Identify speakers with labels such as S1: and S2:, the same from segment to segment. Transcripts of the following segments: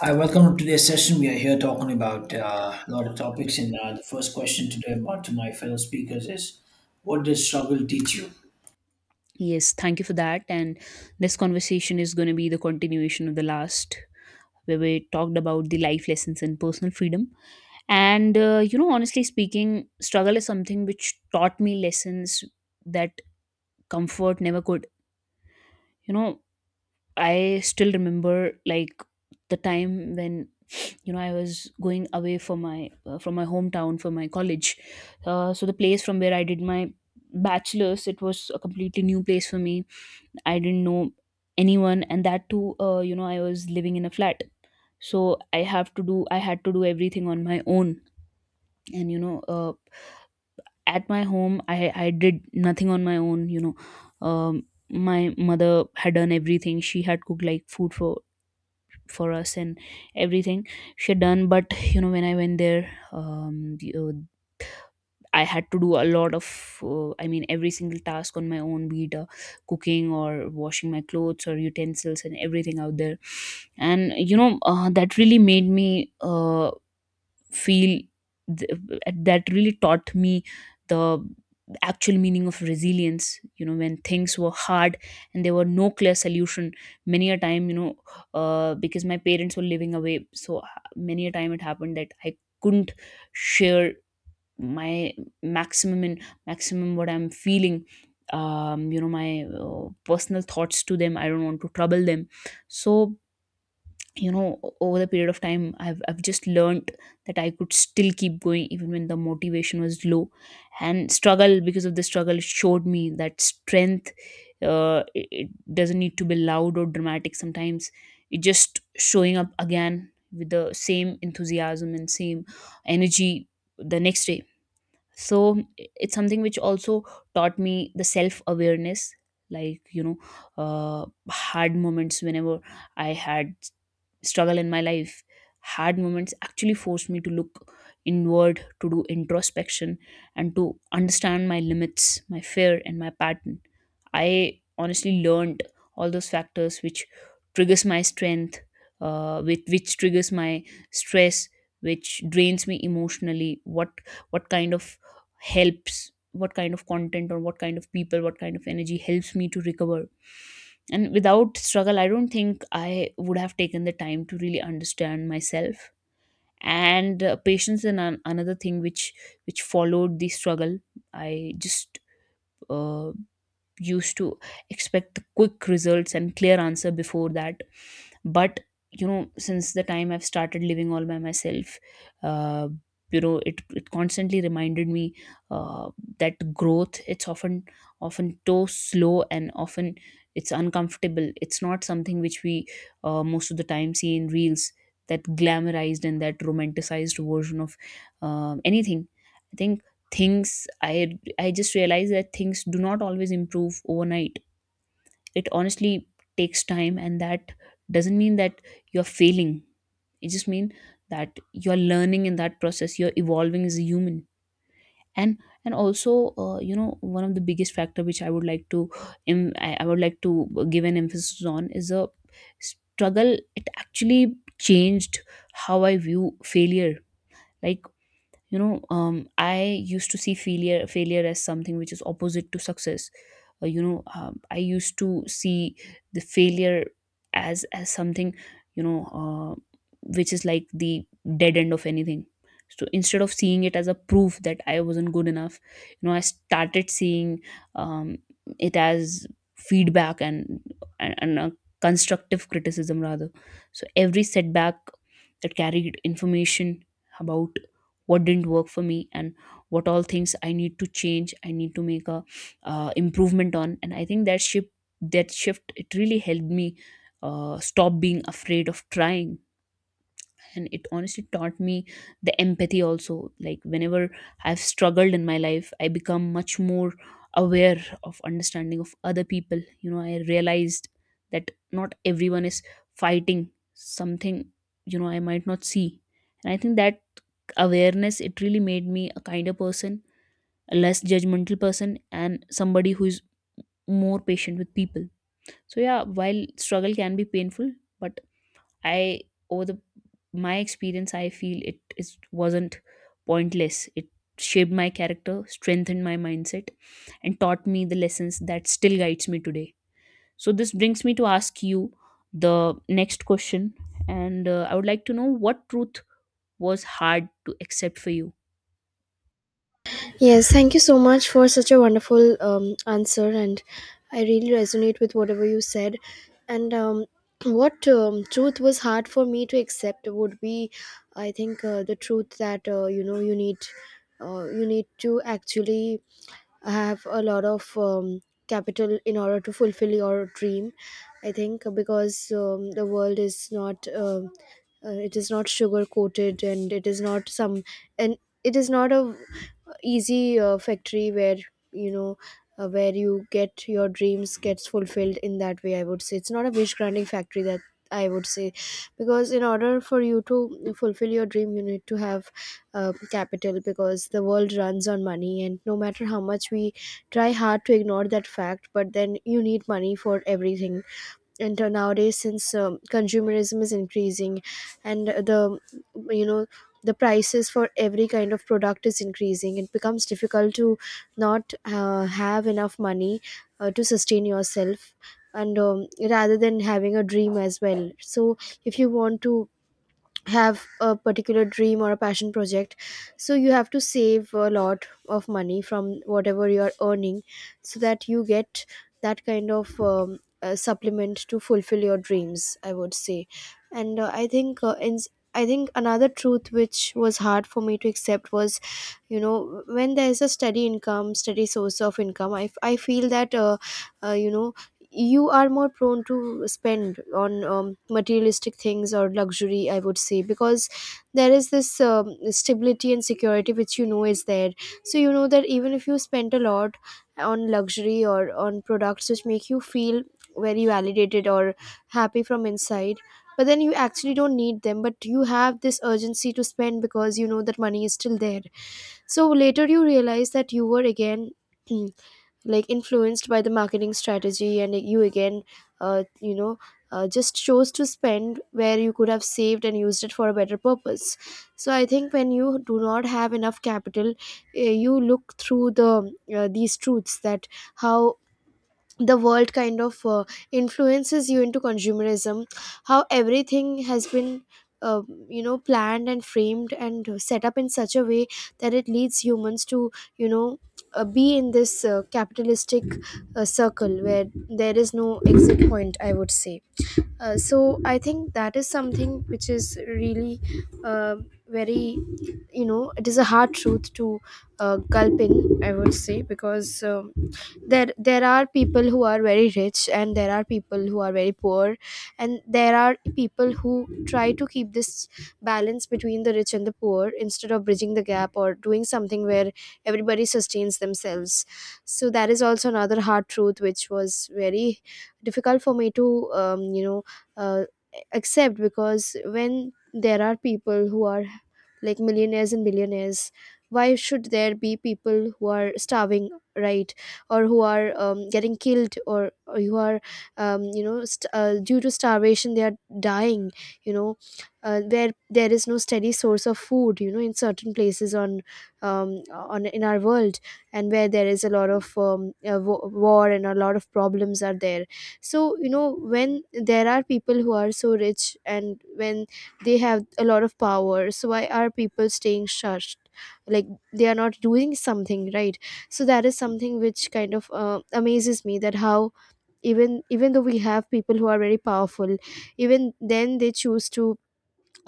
S1: Hi, welcome to today's session. We are here talking about a lot of topics, and the first question today about to my fellow speakers is, what does struggle teach you?
S2: Yes, thank you for that. And this conversation is going to be the continuation of the last, where we talked about the life lessons and personal freedom. And, honestly speaking, struggle is something which taught me lessons that comfort never could. You know, I still remember like the time when I was going away from my hometown for my college. So the place from where I did my bachelor's, it was a completely new place for me. I didn't know anyone, and that too, I was living in a flat. So I had to do everything on my own. And, at my home, I did nothing on my own. My mother had done everything. She had cooked like food for us, and everything she had done. But, you know, when I went there, I had to do a lot of, I mean, every single task on my own, be it cooking or washing my clothes or utensils and everything out there. And, you know, that really made me feel, that really taught me the actual meaning of resilience. You know, when things were hard and there were no clear solution, many a time, because my parents were living away. Many a time it happened that I couldn't share my maximum, and maximum what I'm feeling, you know my personal thoughts to them. I don't want to trouble them. So, you know, over the period of time, I've just learned that I could still keep going even when the motivation was low. And struggle because of the struggle, it showed me that strength, it doesn't need to be loud or dramatic. Sometimes it just showing up again with the same enthusiasm and same energy the next day. So it's something which also taught me the self awareness. Like, uh, hard moments, whenever I had struggle in my life, hard moments actually forced me to look inward, to do introspection, and to understand my limits, my fear, and my pattern. I honestly learned all those factors which triggers my strength, which triggers my stress, which drains me emotionally, what kind of helps, what kind of content or what kind of people, what kind of energy helps me to recover. And without struggle, I don't think I would have taken the time to really understand myself. And patience, and another thing which followed the struggle. I just uh, used to expect the quick results and clear answer before that. But you know, since the time I've started living all by myself, uh, you know, it constantly reminded me uh, that growth, it's often so slow and often it's uncomfortable. It's not something which we most of the time see in reels, that glamorized and that romanticized version of, anything. I think things I just realized that things do not always improve overnight. It honestly takes time, and that doesn't mean that you're failing. It just means that you're learning. In that process, you're evolving as a human. And and also, one of the biggest factor which I would like to I would like to give an emphasis on is a struggle. It actually changed how I view failure. Like, I used to see failure as something which is opposite to success. I used to see the failure as something, you know uh, which is like the dead end of anything. So instead of seeing it as a proof that I wasn't good enough, you know, I started seeing, um, it as feedback, and a constructive criticism rather. So every setback, that carried information about what didn't work for me and what all things I need to change, I need to make a improvement on. And I think that shift, it really helped me stop being afraid of trying. And it honestly taught me the empathy also. Like, whenever I've struggled in my life, I become much more aware of, understanding of other people. You know, I realized that not everyone is fighting something, you know, I might not see. And I think that awareness, it really made me a kinder person, a less judgmental person, and somebody who is more patient with people. So yeah, while struggle can be painful, but I, over the, my experience, I feel it is wasn't pointless. It shaped my character, strengthened my mindset, and taught me the lessons that still guides me today. So this brings me to ask you the next question. And I would like to know, what truth was hard to accept for you?
S3: Yes, thank you so much for such a wonderful answer, and I really resonate with whatever you said. And What truth was hard for me to accept would be, I think, the truth that you need to actually have a lot of capital in order to fulfill your dream. I think because the world is not. It is not sugar coated and it is not some and it is not a easy factory you know where you get your dreams gets fulfilled in that way. I would say it's not a wish granting factory, that I would say, because in order for you to fulfill your dream you need to have capital, because the world runs on money, and no matter how much we try hard to ignore that fact, but then you need money for everything. And nowadays, since consumerism is increasing and the you know the prices for every kind of product is increasing, it becomes difficult to not have enough money to sustain yourself and rather than having a dream as well. So if you want to have a particular dream or a passion project, so you have to save a lot of money from whatever you are earning, so that you get that kind of supplement to fulfill your dreams, I would say. And I think in I think another truth which was hard for me to accept was, you know, when there is a steady income, steady source of income, I feel that uh, you know you are more prone to spend on materialistic things or luxury, I would say, because there is this stability and security which, you know, is there. So you know that even if you spend a lot on luxury or on products which make you feel very validated or happy from inside, but then you actually don't need them, but you have this urgency to spend because you know that money is still there. So later you realize that you were again like influenced by the marketing strategy, and you again, uh, you know just chose to spend where you could have saved and used it for a better purpose. So I think when you do not have enough capital, you look through the these truths, that how the world kind of influences you into consumerism, how everything has been uh, planned and framed and set up in such a way that it leads humans to, you know be in this capitalistic circle where there is no exit point, I would say. So I think that is something which is really uh, very, you know, it is a hard truth to gulp in, I would say, because there are people who are very rich and there are people who are very poor, and there are people who try to keep this balance between the rich and the poor, instead of bridging the gap or doing something where everybody sustains themselves. So that is also another hard truth which was very difficult for me to uh, accept, because when there are people who are like millionaires and billionaires, why should there be people who are starving, right? Or who are getting killed, or who are, due to starvation, they are dying, you know, where there is no steady source of food, you know, in certain places on, on in our world, and where there is a lot of war and a lot of problems are there. So you know, when there are people who are so rich and when they have a lot of power, so why are people staying shushed? Like, they are not doing something right. So that is something which kind of amazes me, that how even though we have people who are very powerful, even then they choose to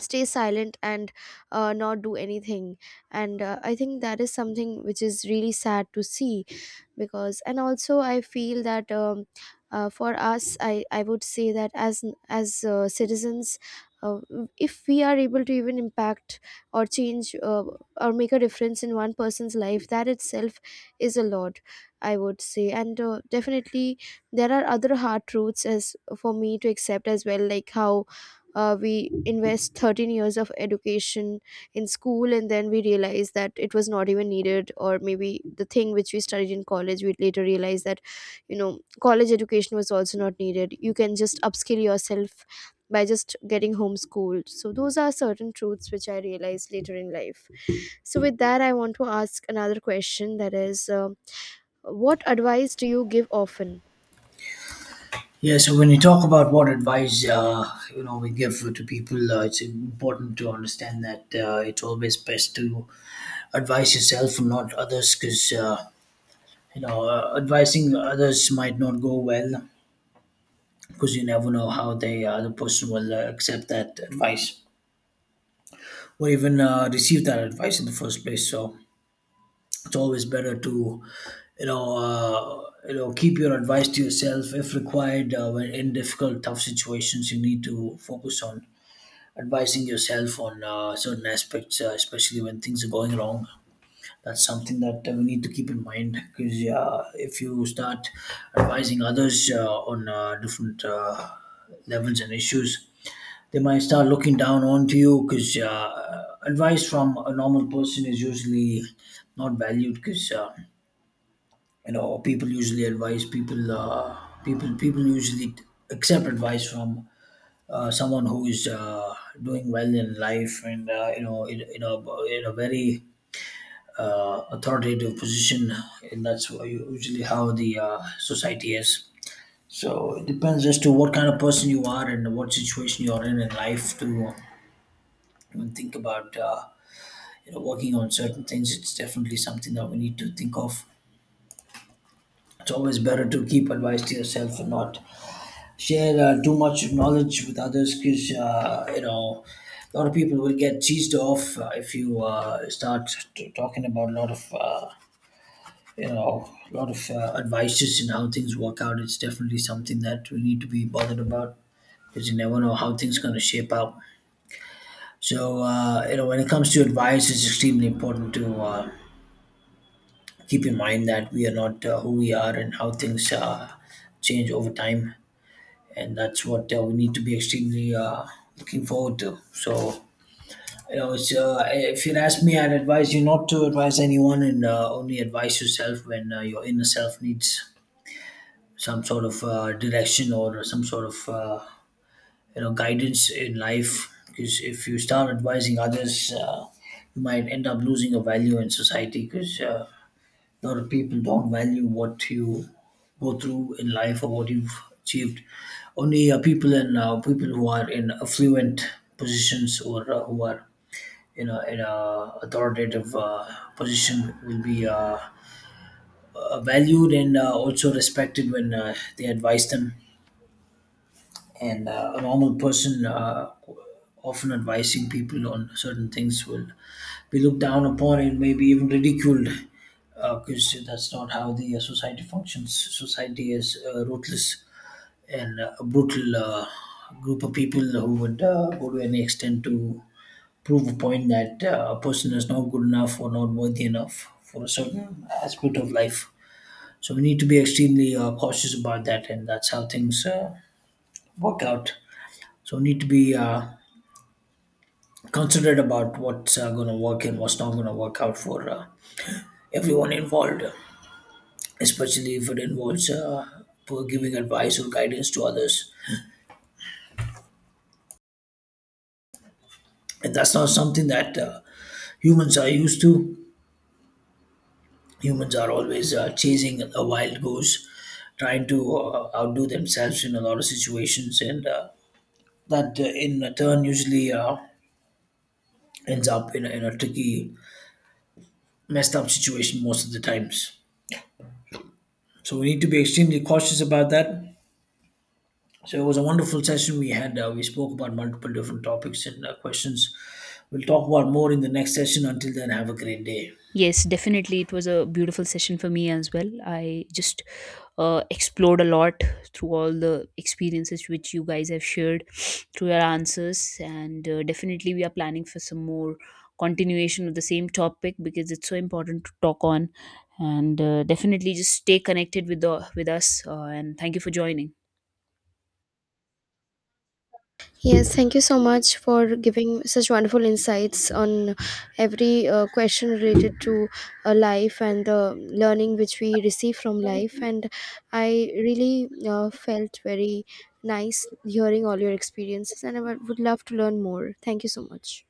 S3: stay silent and not do anything. And I think that is something which is really sad to see. Because, and also I feel that for us, I would say that as citizens, uh, if we are able to even impact or change or make a difference in one person's life, that itself is a lot, I would say. And definitely, there are other hard truths as for me to accept as well, like how we invest 13 years of education in school, and then we realized that it was not even needed, or maybe the thing which we studied in college, we later realized that, you know, college education was also not needed, you can just upskill yourself by just getting homeschooled. So those are certain truths which I realized later in life. So with that, I want to ask another question, that is, what advice do you give often?
S1: Yeah, so when you talk about what advice you know we give to people, it's important to understand that it's always best to advise yourself and not others, because you know advising others might not go well, because you never know how the person will accept that advice or even receive that advice in the first place. So it's always better to you know keep your advice to yourself if required when in difficult tough situations you need to focus on advising yourself on certain aspects especially when things are going wrong. That's something that we need to keep in mind, because if you start advising others on different levels and issues, they might start looking down onto you, because advice from a normal person is usually not valued, because you know people usually advise people people usually accept advice from someone who is doing well in life, and you know in a very authoritative position, and usually how the society is. So it depends as to what kind of person you are and what situation you are in life to even think about you know working on certain things. It's definitely something that we need to think of. It's always better to keep advice to yourself and not share too much knowledge with others, because you know a lot of people will get cheesed off if you start talking about a lot of you know a lot of advices and how things work out. It's definitely something that we need to be bothered about, because you never know how things going to shape out. So you know, when it comes to advice, it's extremely important to keep in mind that we are not who we are and how things change over time, and that's what we need to be extremely looking forward to. So, you know, it's, if you ask me, I'd advise you not to advise anyone, and only advise yourself when your inner self needs some sort of direction or some sort of you know guidance in life. Because if you start advising others, you might end up losing your value in society. Because a lot of people don't value what you go through in life or what you've achieved. Only people who are in affluent positions, or who are in a authoritative position will be valued and also respected when they advise them, and a normal person often advising people on certain things will be looked down upon and maybe even ridiculed, because that's not how the society functions. Society is ruthless and a brutal group of people who would go to any extent to prove a point that a person is not good enough or not worthy enough for a certain aspect of life. So we need to be extremely cautious about that, and that's how things work out. So need to be considerate about what's going to work and what's not going to work out for everyone involved, especially if it involves for giving advice or guidance to others. And that's not something that humans are used to. Humans are always chasing a wild goose, trying to outdo themselves in a lot of situations, and that in turn usually ends up in in a tricky, messed up situation most of the times. So we need to be extremely cautious about that. So it was a wonderful session we had. We spoke about multiple different topics and questions. We'll talk about more in the next session. Until then, have a great day.
S2: Yes, definitely. It was a beautiful session for me as well. I just explored a lot through all the experiences which you guys have shared through your answers. And definitely, we are planning for some more continuation of the same topic because it's so important to talk on. And definitely, just stay connected with us. And thank you for joining.
S3: Yes, thank you so much for giving such wonderful insights on every question related to life and the learning which we receive from life. And I really felt very nice hearing all your experiences, and I would love to learn more. Thank you so much.